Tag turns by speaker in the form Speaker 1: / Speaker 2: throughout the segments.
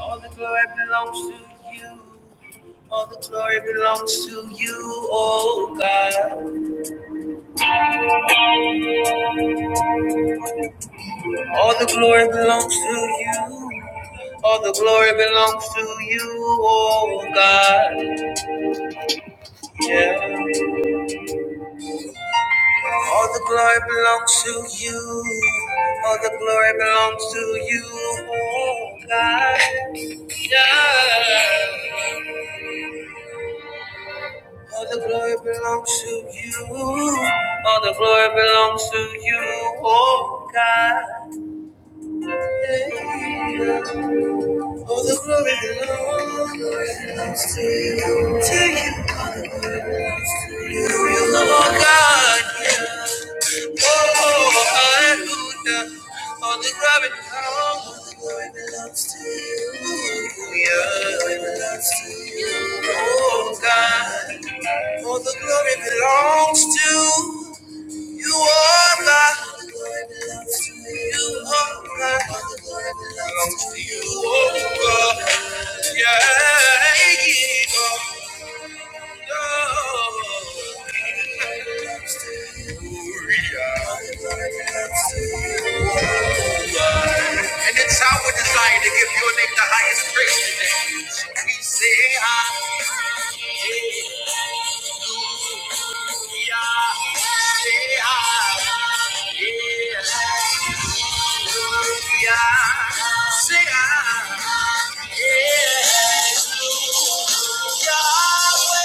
Speaker 1: All the glory belongs to you. All the glory belongs to you, oh God. All the glory belongs to you. All the glory belongs to you, oh God. Yeah. All the glory belongs to you. All the glory belongs to you, oh God. Yeah. All the glory belongs to you. All the glory belongs to you, oh God. Hey. All the glory belongs to you. To you, you oh God. Oh, hallelujah. All the glory belongs. All the glory belongs to you. Yeah. All the glory belongs to you, oh God. All the glory belongs to you, oh God. Belongs to you, oh God. Yeah, yeah, oh, no. And it's our desire to give your name the highest praise today. So we say hallelujah, say hallelujah, yeah, say hallelujah. Yahweh.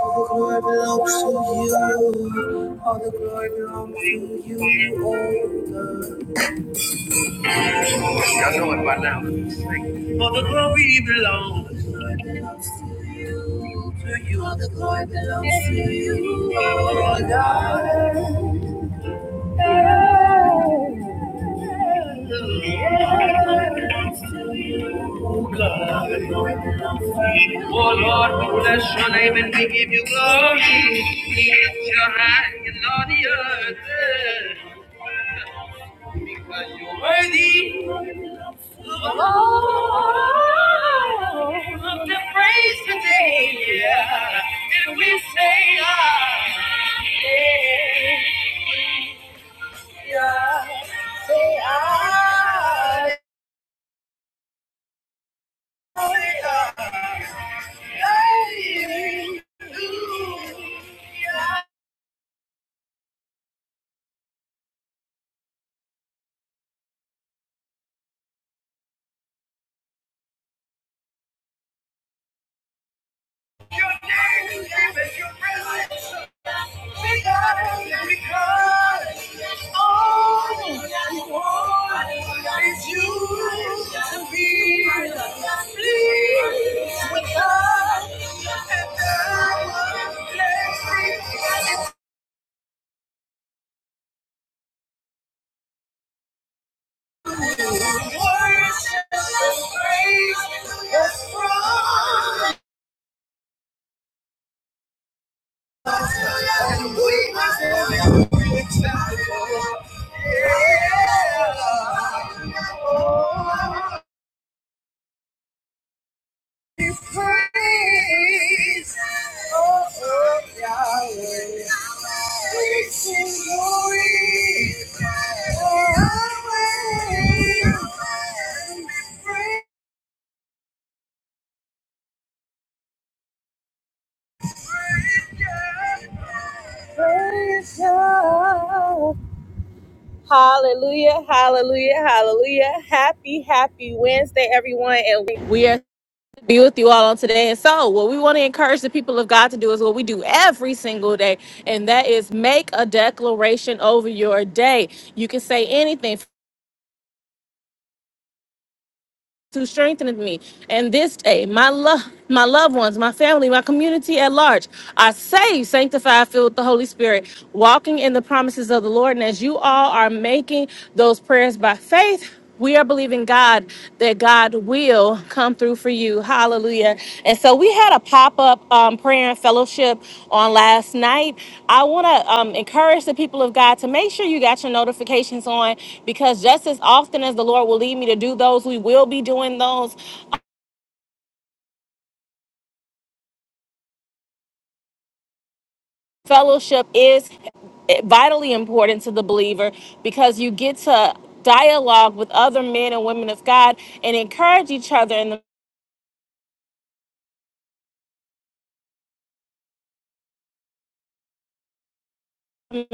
Speaker 1: All the glory belongs to you. All the glory belongs to you, oh God. Y'all know it by now. All the glory belongs to you. to you. All the glory belongs to you, oh God. Oh God. Oh Lord, we bless your name and we give you glory. Lift your hand and Lord the earth. Because you're worthy of all of the praise today. Yeah. And we say, ah, yeah, yeah. Say, ah. Worship and praise is from Praise the Lord. Hallelujah, hallelujah, hallelujah. Happy, happy Wednesday, everyone. And we we are to be with you all on today. And so, what we want to encourage the people of God to do is what we do every single day, and that is make a declaration over your day. You can say anything. who strengtheneth me. And this day, my love, my loved ones, my family, my community at large are saved, sanctified, filled with the Holy Spirit, walking in the promises of the Lord. And as you all are making those prayers by faith, we are believing God that God will will come through for you. Hallelujah. And so we had a pop up um, prayer and fellowship on last night. I want to um, encourage the people of God to make sure you got your notifications on because just as often as the Lord will lead me to do those, we will be doing those. Fellowship is vitally important to the believer because you get to dialogue with other men and women of God and encourage each other in the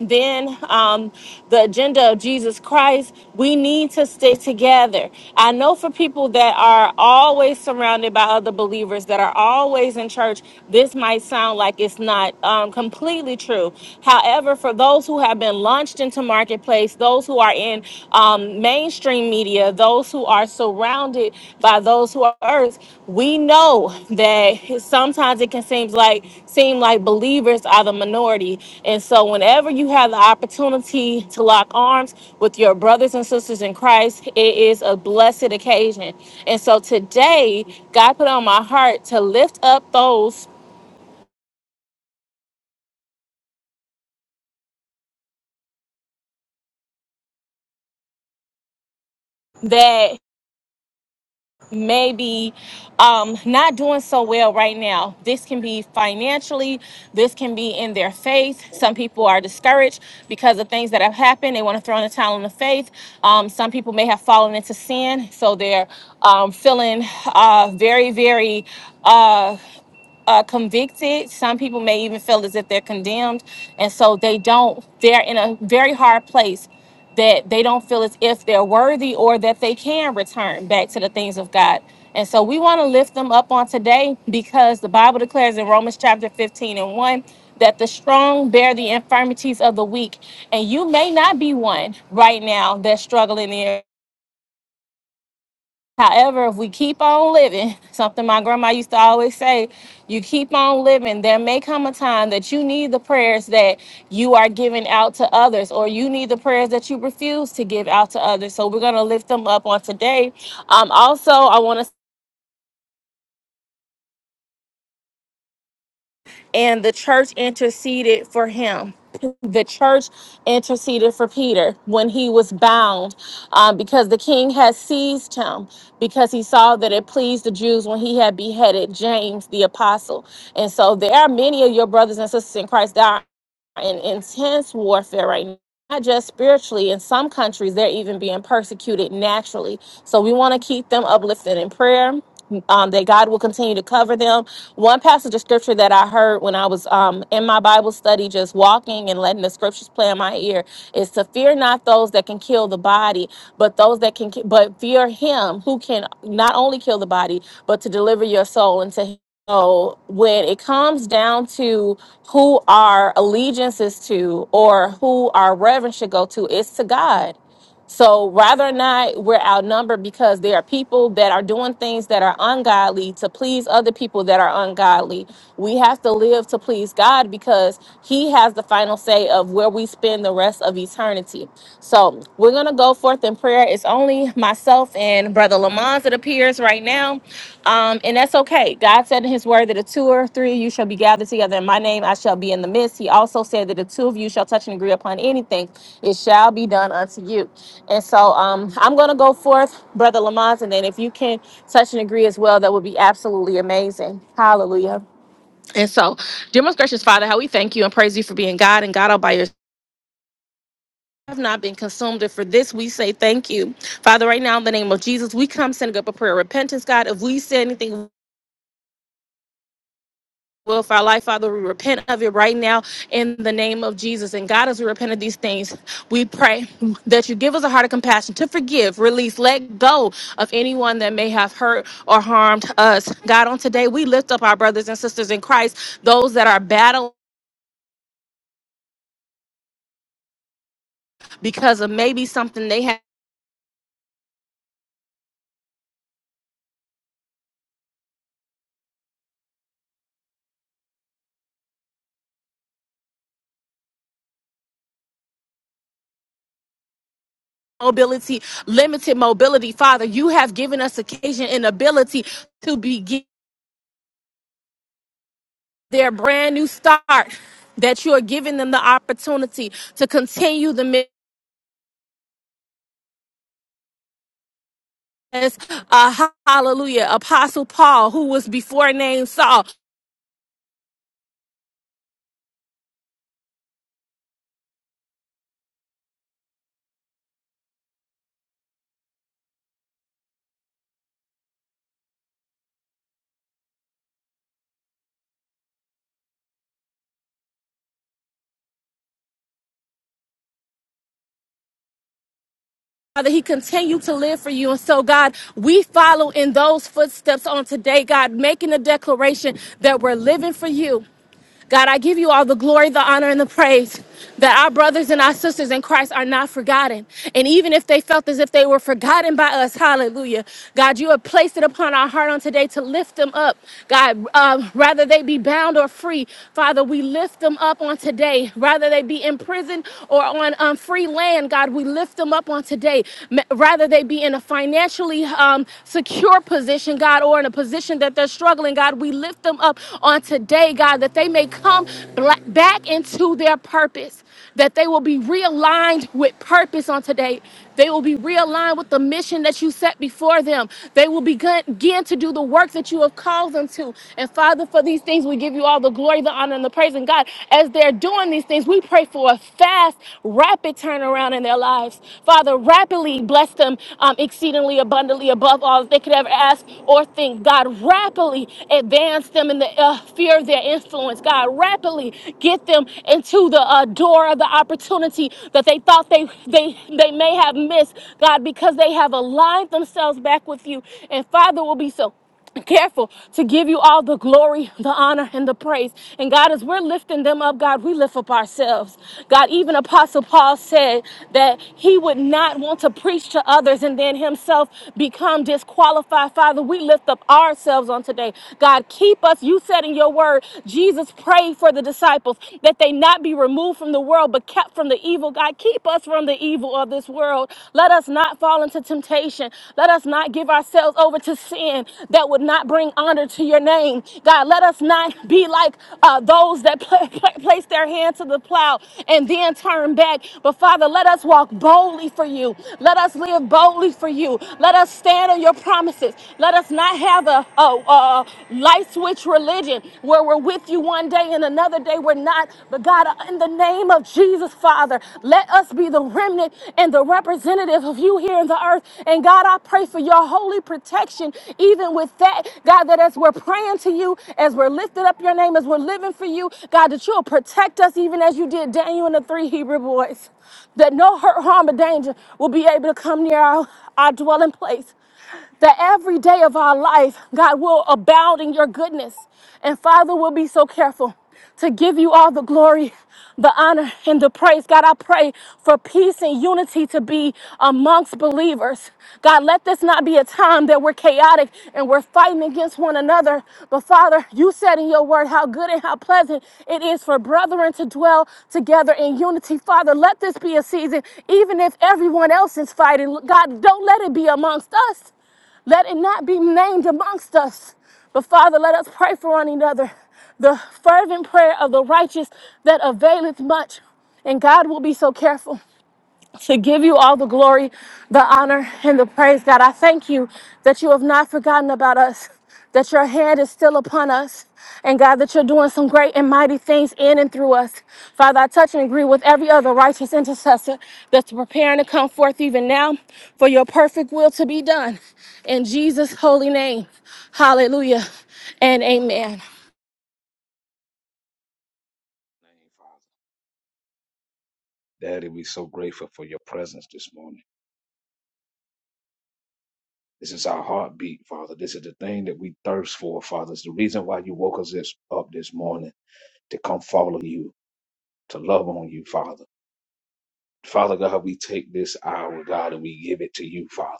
Speaker 1: then um, the agenda of Jesus Christ, we need to stick together. I know for people that are always surrounded by other believers, that are always in church, this might sound like it's not um, completely true. However, for those who have been launched into marketplace, those who are in um, mainstream media, those who are surrounded by those who are earth we know that sometimes it can seem like seem like believers are the minority and so whenever you have the opportunity to lock arms with your brothers and sisters in christ it is a blessed occasion and so today god put on my heart to lift up those that maybe um, not doing so well right now. This can be financially, this can be in their faith. Some people are discouraged because of things that have happened. They want to throw in the towel on the faith. Um, some people may have fallen into sin, so they're um, feeling uh, very, very. Uh, uh, convicted. Some people may even feel as if they're condemned. And so they don't, they're in a very hard place that they don't feel as if they're worthy or that they can return back to the things of God. And so we want to lift them up on today because the Bible declares in Romans chapter 15 and 1 that the strong bear the infirmities of the weak. And you may not be one right now that's struggling in However, if we keep on living, something my grandma used to always say, you keep on living, there may come a time that you need the prayers that you are giving out to others, or you need the prayers that you refuse to give out to others. So we're going to lift them up on today. Um, also, I want to and the church interceded for him. The church interceded for Peter when he was bound um, because the king had seized him because he saw that it pleased the Jews when he had beheaded James the apostle. And so there are many of your brothers and sisters in Christ that are in intense warfare right now. Not just spiritually, in some countries, they're even being persecuted naturally. So we want to keep them uplifted in prayer, um, that God will continue to cover them one passage of scripture that I heard when I was um, in my Bible study, just walking and letting the scriptures play in my ear, is to fear not those that can kill the body, but those that can, ki- but fear Him who can not only kill the body, but to deliver your soul into Him. So when it comes down to who our allegiance is to or who our reverence should go to, it's to God. So rather or not, we're outnumbered because there are people that are doing things that are ungodly to please other people that are ungodly. We have to live to please God because He has the final say of where we spend the rest of eternity. So we're gonna go forth in prayer. It's only myself and Brother Lamont, it appears right now. Um, and that's okay. God said in his word that a two or three of you shall be gathered together in my name, I shall be in the midst. He also said that the two of you shall touch and agree upon anything, it shall be done unto you. And so um I'm gonna go forth, Brother Lamont, and then if you can touch and agree as well, that would be absolutely amazing. Hallelujah. And so, dear most gracious Father, how we thank you and praise you for being God and God all by yourself. Have not been consumed, and for this we say thank you, Father. Right now, in the name of Jesus, we come sending up a prayer of repentance, God. If we say anything will for our life, Father. We repent of it right now in the name of Jesus. And God, as we repent of these things, we pray that you give us a heart of compassion to forgive, release, let go of anyone that may have hurt or harmed us. God, on today, we lift up our brothers and sisters in Christ, those that are battling because of maybe something they have. Mobility, limited mobility. Father, you have given us occasion and ability to begin their brand new start that you are giving them the opportunity to continue the mission as uh, hallelujah, Apostle Paul, who was before named Saul. Father, he continued to live for you. And so, God, we follow in those footsteps on today, God, making a declaration that we're living for you. God, I give you all the glory, the honor, and the praise that our brothers and our sisters in Christ are not forgotten. And even if they felt as if they were forgotten by us, hallelujah. God, you have placed it upon our heart on today to lift them up. God, um, rather they be bound or free, Father, we lift them up on today. Rather they be in prison or on um, free land, God, we lift them up on today. Ma- Rather they be in a financially um, secure position, God, or in a position that they're struggling, God, we lift them up on today today, God, that they may come black, back into their purpose, that they will be realigned with purpose on today. They will be realigned with the mission that you set before them. They will begin begin to do the work that you have called them to. And Father, for these things, we give you all the glory, the honor, and the praise. And God, as they're doing these things, we pray for a fast, rapid turnaround in their lives. Father, rapidly bless them um, exceedingly abundantly above all that they could ever ask or think. God, rapidly advance them in them in the uh, fear of their influence. God, rapidly get them into the uh, door of the opportunity that they thought they, they, they may have missed, God, because they have aligned themselves back with you. And Father will be so careful to give you all the glory, the honor, and the praise. And God, as we're lifting them up, God, we lift up ourselves. God, even Apostle Paul said that he would not want to preach to others and then himself become disqualified. Father, we lift up ourselves on today. God, keep us. You said in your word, Jesus prayed for the disciples that they not be removed from the world, but kept from the evil. God, keep us from the evil of this world. Let us not fall into temptation. Let us not give ourselves over to sin that would not bring honor to your name. God, let us not be like uh, those that pla- pla- place their hand to the plow and then turn back. But Father, let us walk boldly for you. Let us live boldly for you. Let us stand on your promises. Let us not have a, another uh, uh, light switch religion where we're with you one day and another day we're not. But God, in the name of Jesus, Father, let us be the remnant and the representative of you here in the earth. And God, I pray for your holy protection, even with that. God, that as we're praying to you, as we're lifting up your name, as we're living for you, God, that you'll protect us even as you did Daniel and the three Hebrew boys. That no hurt, harm, or danger will be able to come near our, our dwelling place that every day of our life, God will abound in your goodness. And Father, will be so careful to give you all the glory, the honor, and the praise. God, I pray for peace and unity to be amongst believers. God, let this not be a be a time that we're chaotic and we're fighting against one another. But Father, you said in your word how good and how pleasant it is for brethren to dwell together in unity. Father, let this be a season, even if everyone else is fighting. God, don't let it be amongst us. Let it not be named amongst us. But Father, let us pray for one another. The fervent prayer of the righteous that availeth much. And God will be so careful to give you all the glory, the honor, and the praise, God. I thank you that you have not forgotten about us, that your hand is still upon us, and God, that you're doing some great and mighty things in and through us. Father, I touch and agree with every other righteous intercessor that's preparing to come forth even now for your perfect will to be done. In Jesus' holy name, hallelujah and amen.
Speaker 2: name, Father. Daddy, we're so grateful for your presence this morning. This is our heartbeat, Father. This is the thing that we thirst for, Father. It's the reason why you woke us this, up this morning to come follow you, to love on you, Father. Father God, we take this hour, God, and we give it to you, Father.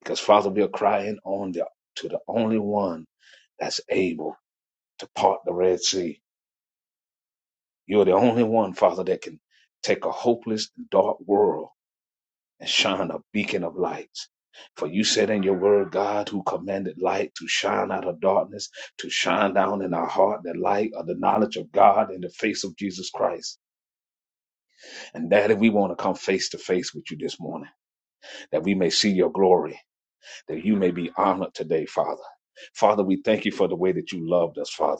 Speaker 2: Because, Father, we are crying on the, to the only one that's able to part the Red Sea. You're the only one, Father, that can take a hopeless, dark world and shine a beacon of light. For you said in your word, God, who commanded light to shine out of darkness, to shine down in our heart the light of the knowledge of God in the face of Jesus Christ. And Daddy, we want to come face to face with you this morning, that we may see your glory, that you may be honored today, Father. Father, we thank you for the way that you loved us, Father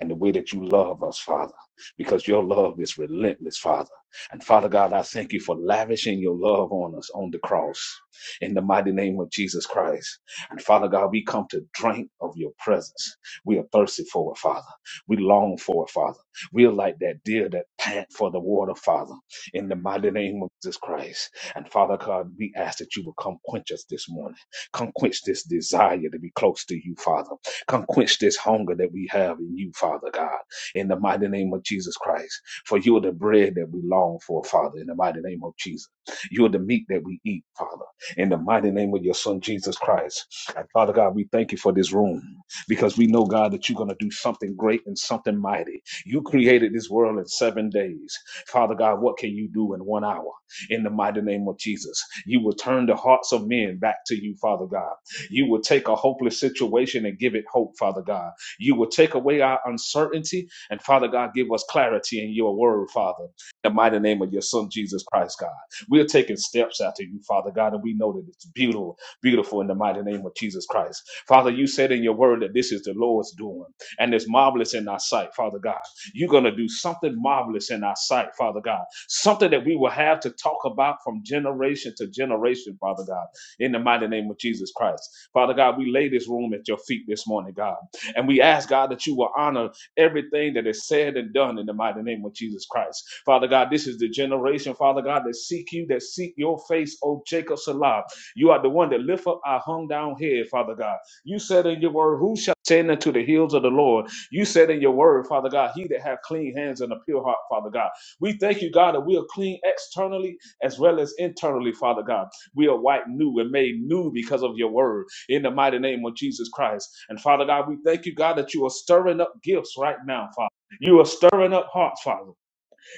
Speaker 2: and the way that you love us, Father, because your love is relentless, Father. And Father God, I thank you for lavishing your love on us on the cross in the mighty name of Jesus Christ. And Father God, we come to drink of your presence. We are thirsty for it, Father. We long for it, Father. We are like that deer that pant for the water, Father, in the mighty name of Jesus Christ. And Father God, we ask that you will come quench us this morning. Come quench this desire to be close to you, Father. Come quench this hunger that we have in you, Father God, in the mighty name of Jesus Christ. For you are the bread that we long for, Father, in the mighty name of Jesus. You are the meat that we eat, Father, in the mighty name of your Son, Jesus Christ. And Father God, we thank you for this room because we know, God, that you're going to do something great and something mighty. You created this world in seven days. Father God, what can you do in one hour? In the mighty name of Jesus, you will turn the hearts of men back to you, Father God. You will take a hopeless situation and give it hope, Father God. You will take away our uncertainty and, Father God, give us clarity in your word, Father. In the mighty name of your Son, Jesus Christ, God. We're taking steps after you, Father God, and we know that it's beautiful, beautiful in the mighty name of Jesus Christ. Father, you said in your word that this is the Lord's doing and it's marvelous in our sight, Father God. You're going to do something marvelous in our sight, Father God. Something that we will have to talk about from generation to generation, Father God in the mighty name of Jesus Christ. Father God, we lay this room at your feet this morning, God. And we ask, God, that you will honor everything that is said and done in the mighty name of Jesus Christ. Father God, this is the generation, Father God, that seek you, that seek your face, O Jacob Salah. You are the one that lift up our hung down head, Father God. You said in your word, Who shall ascend unto the hills of the Lord? You said in your word, Father God, He that have clean hands and a pure heart, Father God. We thank you, God, that we are clean externally as well as internally, Father God. We are white new and made new because of your word in the mighty name of Jesus Christ. And Father God, we thank you, God, that you are stirring up gifts right now, Father. You are stirring up hearts, Father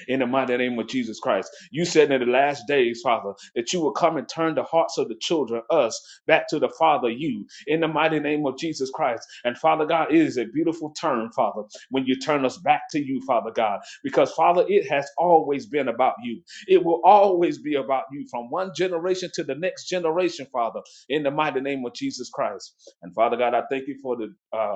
Speaker 2: in the mighty name of Jesus Christ. You said in the last days, Father, that you will come and turn the hearts of the children, us, back to the Father, you, in the mighty name of Jesus Christ. And Father God, it is a beautiful turn, Father, when you turn us back to you, Father God, because Father, it has always been about you. It will always be about you from one generation to the next generation, Father, in the mighty name of Jesus Christ. And Father God, I thank you for the. Uh,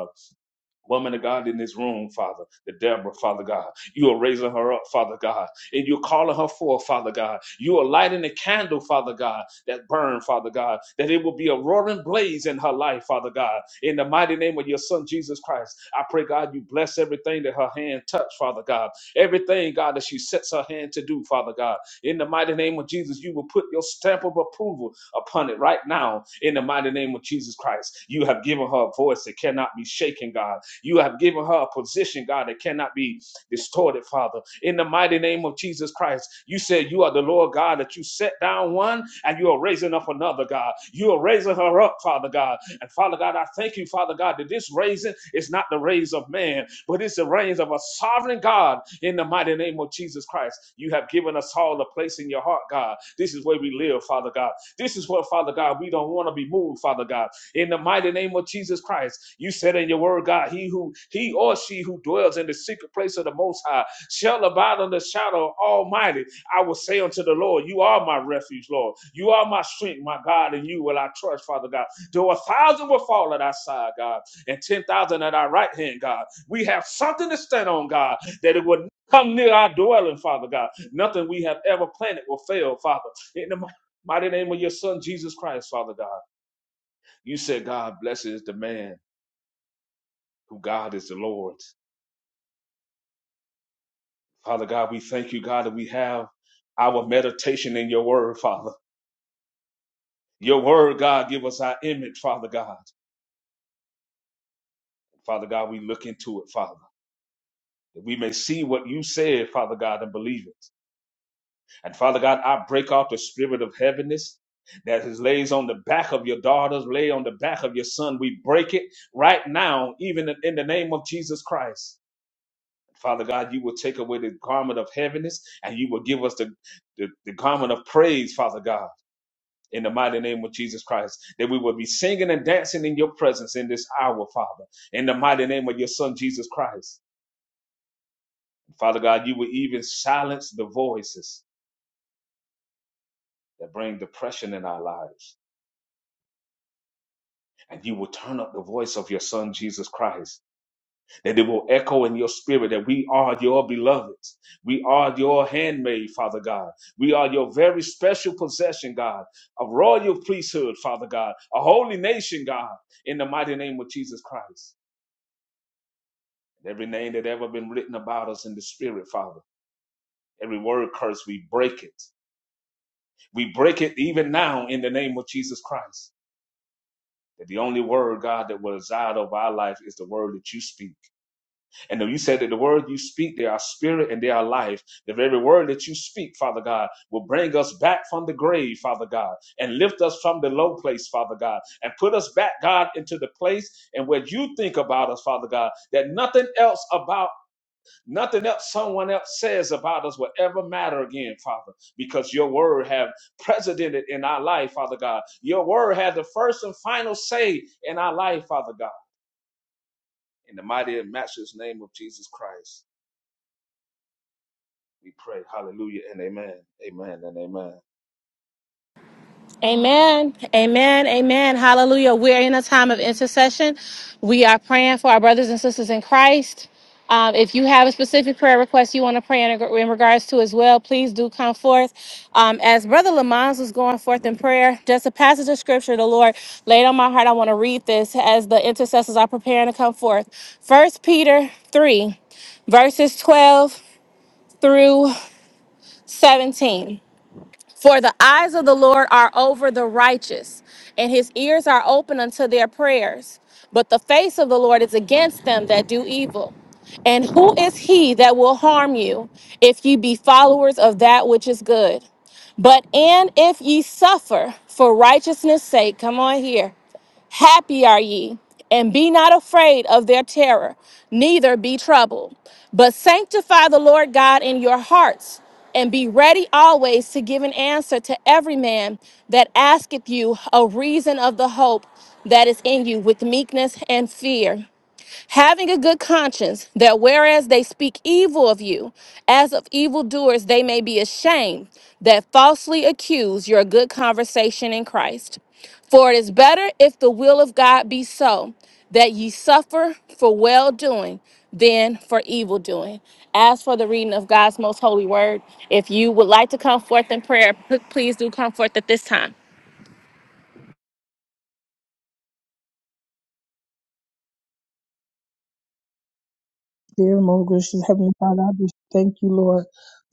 Speaker 2: woman of God in this room, Father, the Deborah, Father God. You are raising her up, Father God, and you're calling her forth, Father God. You are lighting a candle, Father God, that burn, Father God, that it will be a roaring blaze in her life, Father God. In the mighty name of your son, Jesus Christ, I pray, God, you bless everything that her hand touch, Father God. Everything, God, that she sets her hand to do, Father God. In the mighty name of Jesus, you will put your stamp of approval upon it right now. In the mighty name of Jesus Christ, you have given her a voice that cannot be shaken, God you have given her a position, God, that cannot be distorted, Father. In the mighty name of Jesus Christ, you said you are the Lord God, that you set down one and you are raising up another, God. You are raising her up, Father God. And Father God, I thank you, Father God, that this raising is not the raise of man, but it's the raise of a sovereign God in the mighty name of Jesus Christ. You have given us all a place in your heart, God. This is where we live, Father God. This is where, Father God, we don't want to be moved, Father God in the mighty name of Jesus Christ. You said in your word, God, he who he or she who dwells in the secret place of the most high shall abide under the shadow of Almighty. I will say unto the Lord, You are my refuge, Lord. You are my strength, my God, and you will I trust, Father God. Though a thousand will fall at our side, God, and ten thousand at our right hand, God. We have something to stand on, God, that it will come near our dwelling, Father God. Nothing we have ever planted will fail, Father. In the mighty name of your Son, Jesus Christ, Father God. You said, God blesses the man who God is the Lord. Father God, we thank you, God, that we have our meditation in your word, Father. Your word, God, give us our image, Father God. Father God, we look into it, Father, that we may see what you said, Father God, and believe it. And Father God, I break off the spirit of heaviness that is lays on the back of your daughters, lay on the back of your son. We break it right now, even in in the name of Jesus Christ. Father God, you will take away the garment of heaviness and you will give us the, the, the garment of praise, Father God, in the mighty name of Jesus Christ, that we will be singing and dancing in your presence in this hour, Father, in the mighty name of your Son, Jesus Christ. Father God, you will even silence the voices that bring depression in our lives, and you will turn up the voice of your Son, Jesus Christ And it will echo in your spirit that we are your beloved. We are your handmaid, Father God. We are your very special possession, God, a royal priesthood, Father God, a holy nation, God, in the mighty name of Jesus Christ. And every name that ever been written about us in the spirit, Father, every word curse, we break it. We break it even now in the name of Jesus Christ. That the only word, God, that will reside over our life is the word that you speak And you said that the word you speak, they are spirit and they are life. The very word that you speak, Father God, will bring us back from the grave, Father God, and lift us from the low place, Father God, and put us back, God, into the place and where you think about us, Father God, that nothing else about, nothing else someone else says about us will ever matter again, Father, because your word have precedented in our life, Father God. Your word had the first and final say in our life, Father God. In the mighty and matchless name of Jesus Christ. We pray. Hallelujah and amen. Amen and amen.
Speaker 1: Amen. Amen. Amen. Hallelujah. We're in a time of intercession. We are praying for our brothers and sisters in Christ. Um, if you have a specific prayer request you want to pray in, in regards to as well, please do come forth. Um, as Brother Lamont was going forth in prayer, just a passage of scripture the Lord laid on my heart. I want to read this as the intercessors are preparing to come forth. First Peter 3, verses 12 through 17. For the eyes of the Lord are over the righteous, and his ears are open unto their prayers. But the face of the Lord is against them that do evil. And who is he that will harm you if ye be followers of that which is good? But and if ye suffer for righteousness' sake, come on here. Happy are ye, and be not afraid of their terror, neither be troubled. But sanctify the Lord God in your hearts, and be ready always to give an answer to every man that asketh you a reason of the hope that is in you with meekness and fear having a good conscience that whereas they speak evil of you, as of evildoers, they may be ashamed that falsely accuse your good conversation in Christ. For it is better if the will of God be so that ye suffer for well doing than for evil doing. As for the reading of God's most holy word, if you would like to come forth in prayer, p- please do come forth at this time.
Speaker 3: Dear most gracious Heavenly Father, I just thank you, Lord,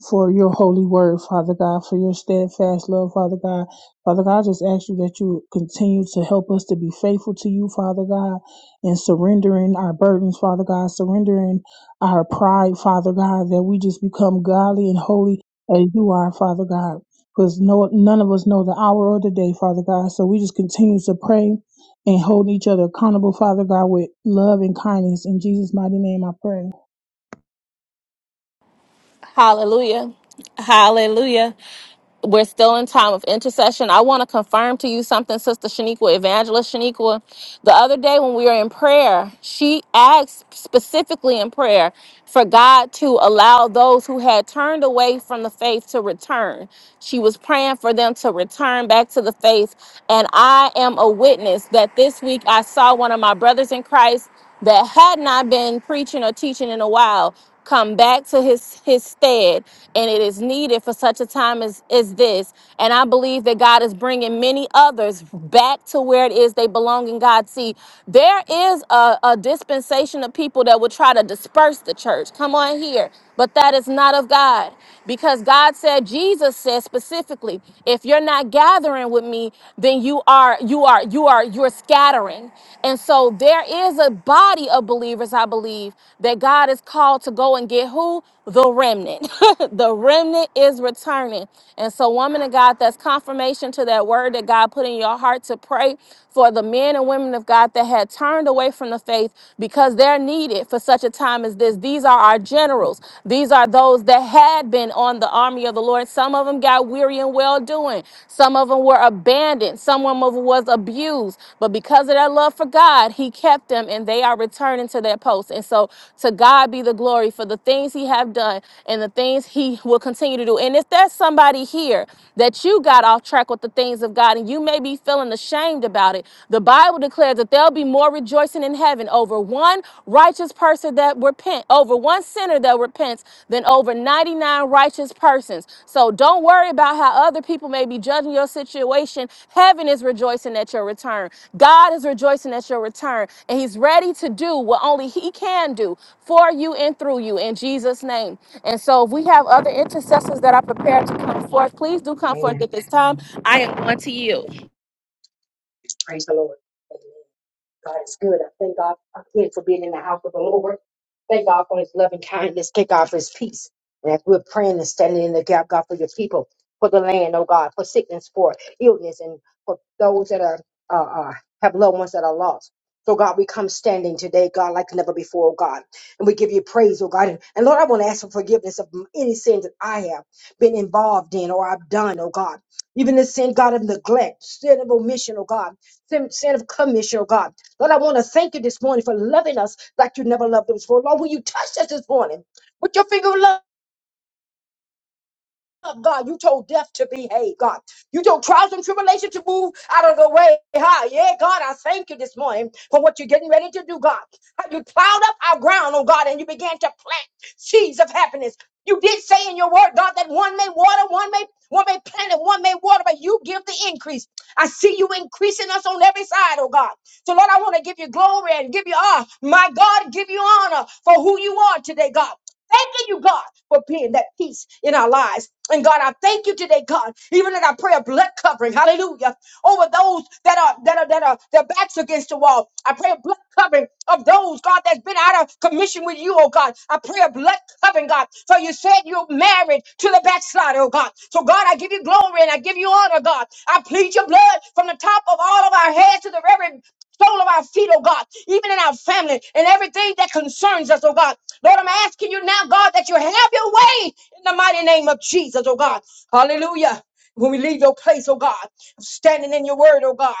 Speaker 3: for your holy word, Father God, for your steadfast love, Father God. Father God, I just ask you that you continue to help us to be faithful to you, Father God, and surrendering our burdens, Father God, surrendering our pride, Father God, that we just become godly and holy as you are, Father God. Because no, none of us know the hour or the day, Father God. So we just continue to pray and hold each other accountable, Father God, with love and kindness. In Jesus' mighty name, I pray.
Speaker 1: Hallelujah. Hallelujah. we're still in time of intercession. I want to confirm to you something, Sister Shaniqua, Evangelist Shaniqua. The other day when we were in prayer, she asked specifically in prayer for God to allow those who had turned away from the faith to return. She was praying for them to return back to the faith. And I am a witness that this week I saw one of my brothers in Christ that had not been preaching or teaching in a while come back to his his stead and it is needed for such a time as is this and i believe that god is bringing many others back to where it is they belong in god see there is a, a dispensation of people that will try to disperse the church come on here but that is not of God. Because God said, Jesus said specifically, if you're not gathering with me, then you are, you are, you are, you're scattering. And so there is a body of believers, I believe, that God is called to go and get who? the remnant. the remnant is returning. And so, woman of God, that's confirmation to that word that God put in your heart to pray for the men and women of God that had turned away from the faith because they're needed for such a time as this. These are our generals, these are those that had been on the army of the Lord. Some of them got weary and well doing, some of them were abandoned. Some of them was abused. But because of their love for God, He kept them and they are returning to their posts. And so to God be the glory for the things He have done and the things He will continue to do. And if there's somebody here that you got off track with the things of God and you may be feeling ashamed about it, the Bible declares that there'll be more rejoicing rejoicing in heaven over one righteous person that repent, over one sinner that repents, than over 99 righteous persons. So don't worry about how other people may be judging your situation. Heaven is rejoicing at your return. God is rejoicing at your return, and He's ready to do what only He can do for you and through you in Jesus' name. And so, if we have other intercessors that are prepared to come forth, please do come forth
Speaker 4: Amen.
Speaker 1: at this time. I am going to you.
Speaker 4: Praise the Lord. Amen. God is good. I thank God again for being in the house of the Lord. Thank God for his loving kindness. Thank God for his peace. And as we're praying and standing in the gap, God, for your people, for the land, oh God, for sickness, for illness, and for those that are uh, uh, have loved ones that are lost. So God, we come standing today, God, like never before, oh God. And we give you praise, oh God. And, and Lord, I want to ask for forgiveness of any sins that I have been involved in or I've done, oh God. Even the sin, God, of neglect, sin of omission, oh God, sin, sin of commission, oh God. Lord, I want to thank you this morning for loving us like you never loved us before. Lord, when you touched us this morning with your finger of love, God, you told death to behave, God. You told trials and tribulation to move out of the way. Hi, yeah, God, I thank you this morning for what you're getting ready to do, God. How you plowed up our ground, oh God, and you began to plant seeds of happiness. You did say in your word, God, that one may water, one may one may plant, and one may water, but you give the increase. I see you increasing us on every side, oh God. So, Lord, I want to give you glory and give you honor. My God, give you honor for who you are today, God. Thanking you, God, for being that peace in our lives. And God, I thank you today, God, even in our prayer blood covering, hallelujah, over those that are God, that are that are their backs against the wall. I pray a blood covering of those, God, that's been out of commission with you, oh God. I pray a blood covering, God. For you said you're married to the backslider, oh God. So God, I give you glory and I give you honor, God. I plead your blood from the top of all of our heads to the very sole of our feet, oh God, even in our family and everything that concerns us, oh God. Lord, I'm asking you now, God, that you have your way in the mighty name of Jesus, oh God. Hallelujah. When we leave your place, oh God, standing in your word, oh God.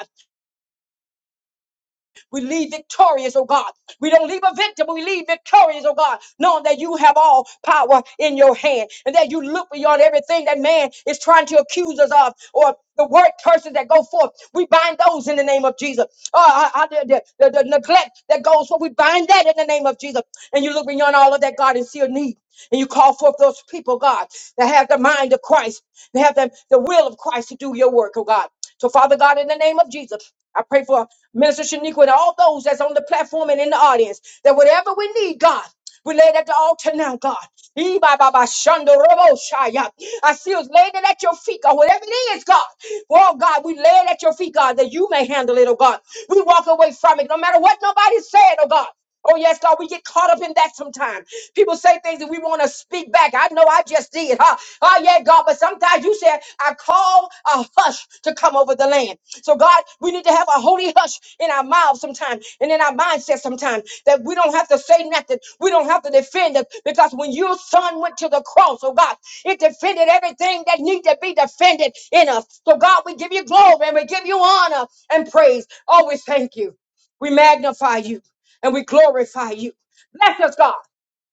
Speaker 4: We leave victorious, oh God. We don't leave a victim, but we leave victorious, oh God, knowing that you have all power in your hand and that you look beyond everything that man is trying to accuse us of or the word curses that go forth. We bind those in the name of Jesus. Uh, I, I, the, the, the neglect that goes forth, we bind that in the name of Jesus. And you look beyond all of that, God, and see a need. And you call forth those people, God, that have the mind of Christ, that have the, the will of Christ to do your work, oh God. So, Father God, in the name of Jesus, I pray for Minister Shaniqua and all those that's on the platform and in the audience that whatever we need, God, we lay it at the altar now, God. Ee, ba, ba, ba, shando, robo, shaya. I see us laying it at your feet, God. Whatever it is, God. Oh, God, we lay it at your feet, God, that you may handle it, oh, God. We walk away from it, no matter what nobody said, oh, God. Oh, yes, Lord, we get caught up in that sometimes. People say things that we want to speak back. I know I just did. Huh? Oh, yeah, God, but sometimes you said, I call a hush to come over the land. So, God, we need to have a holy hush in our mouths sometimes and in our mindset sometimes that we don't have to say nothing. We don't have to defend it because when your son went to the cross, oh, God, it defended everything that need to be defended in us. So, God, we give you glory and we give you honor and praise. Oh, we thank you. We magnify you and we glorify you. Bless us, God.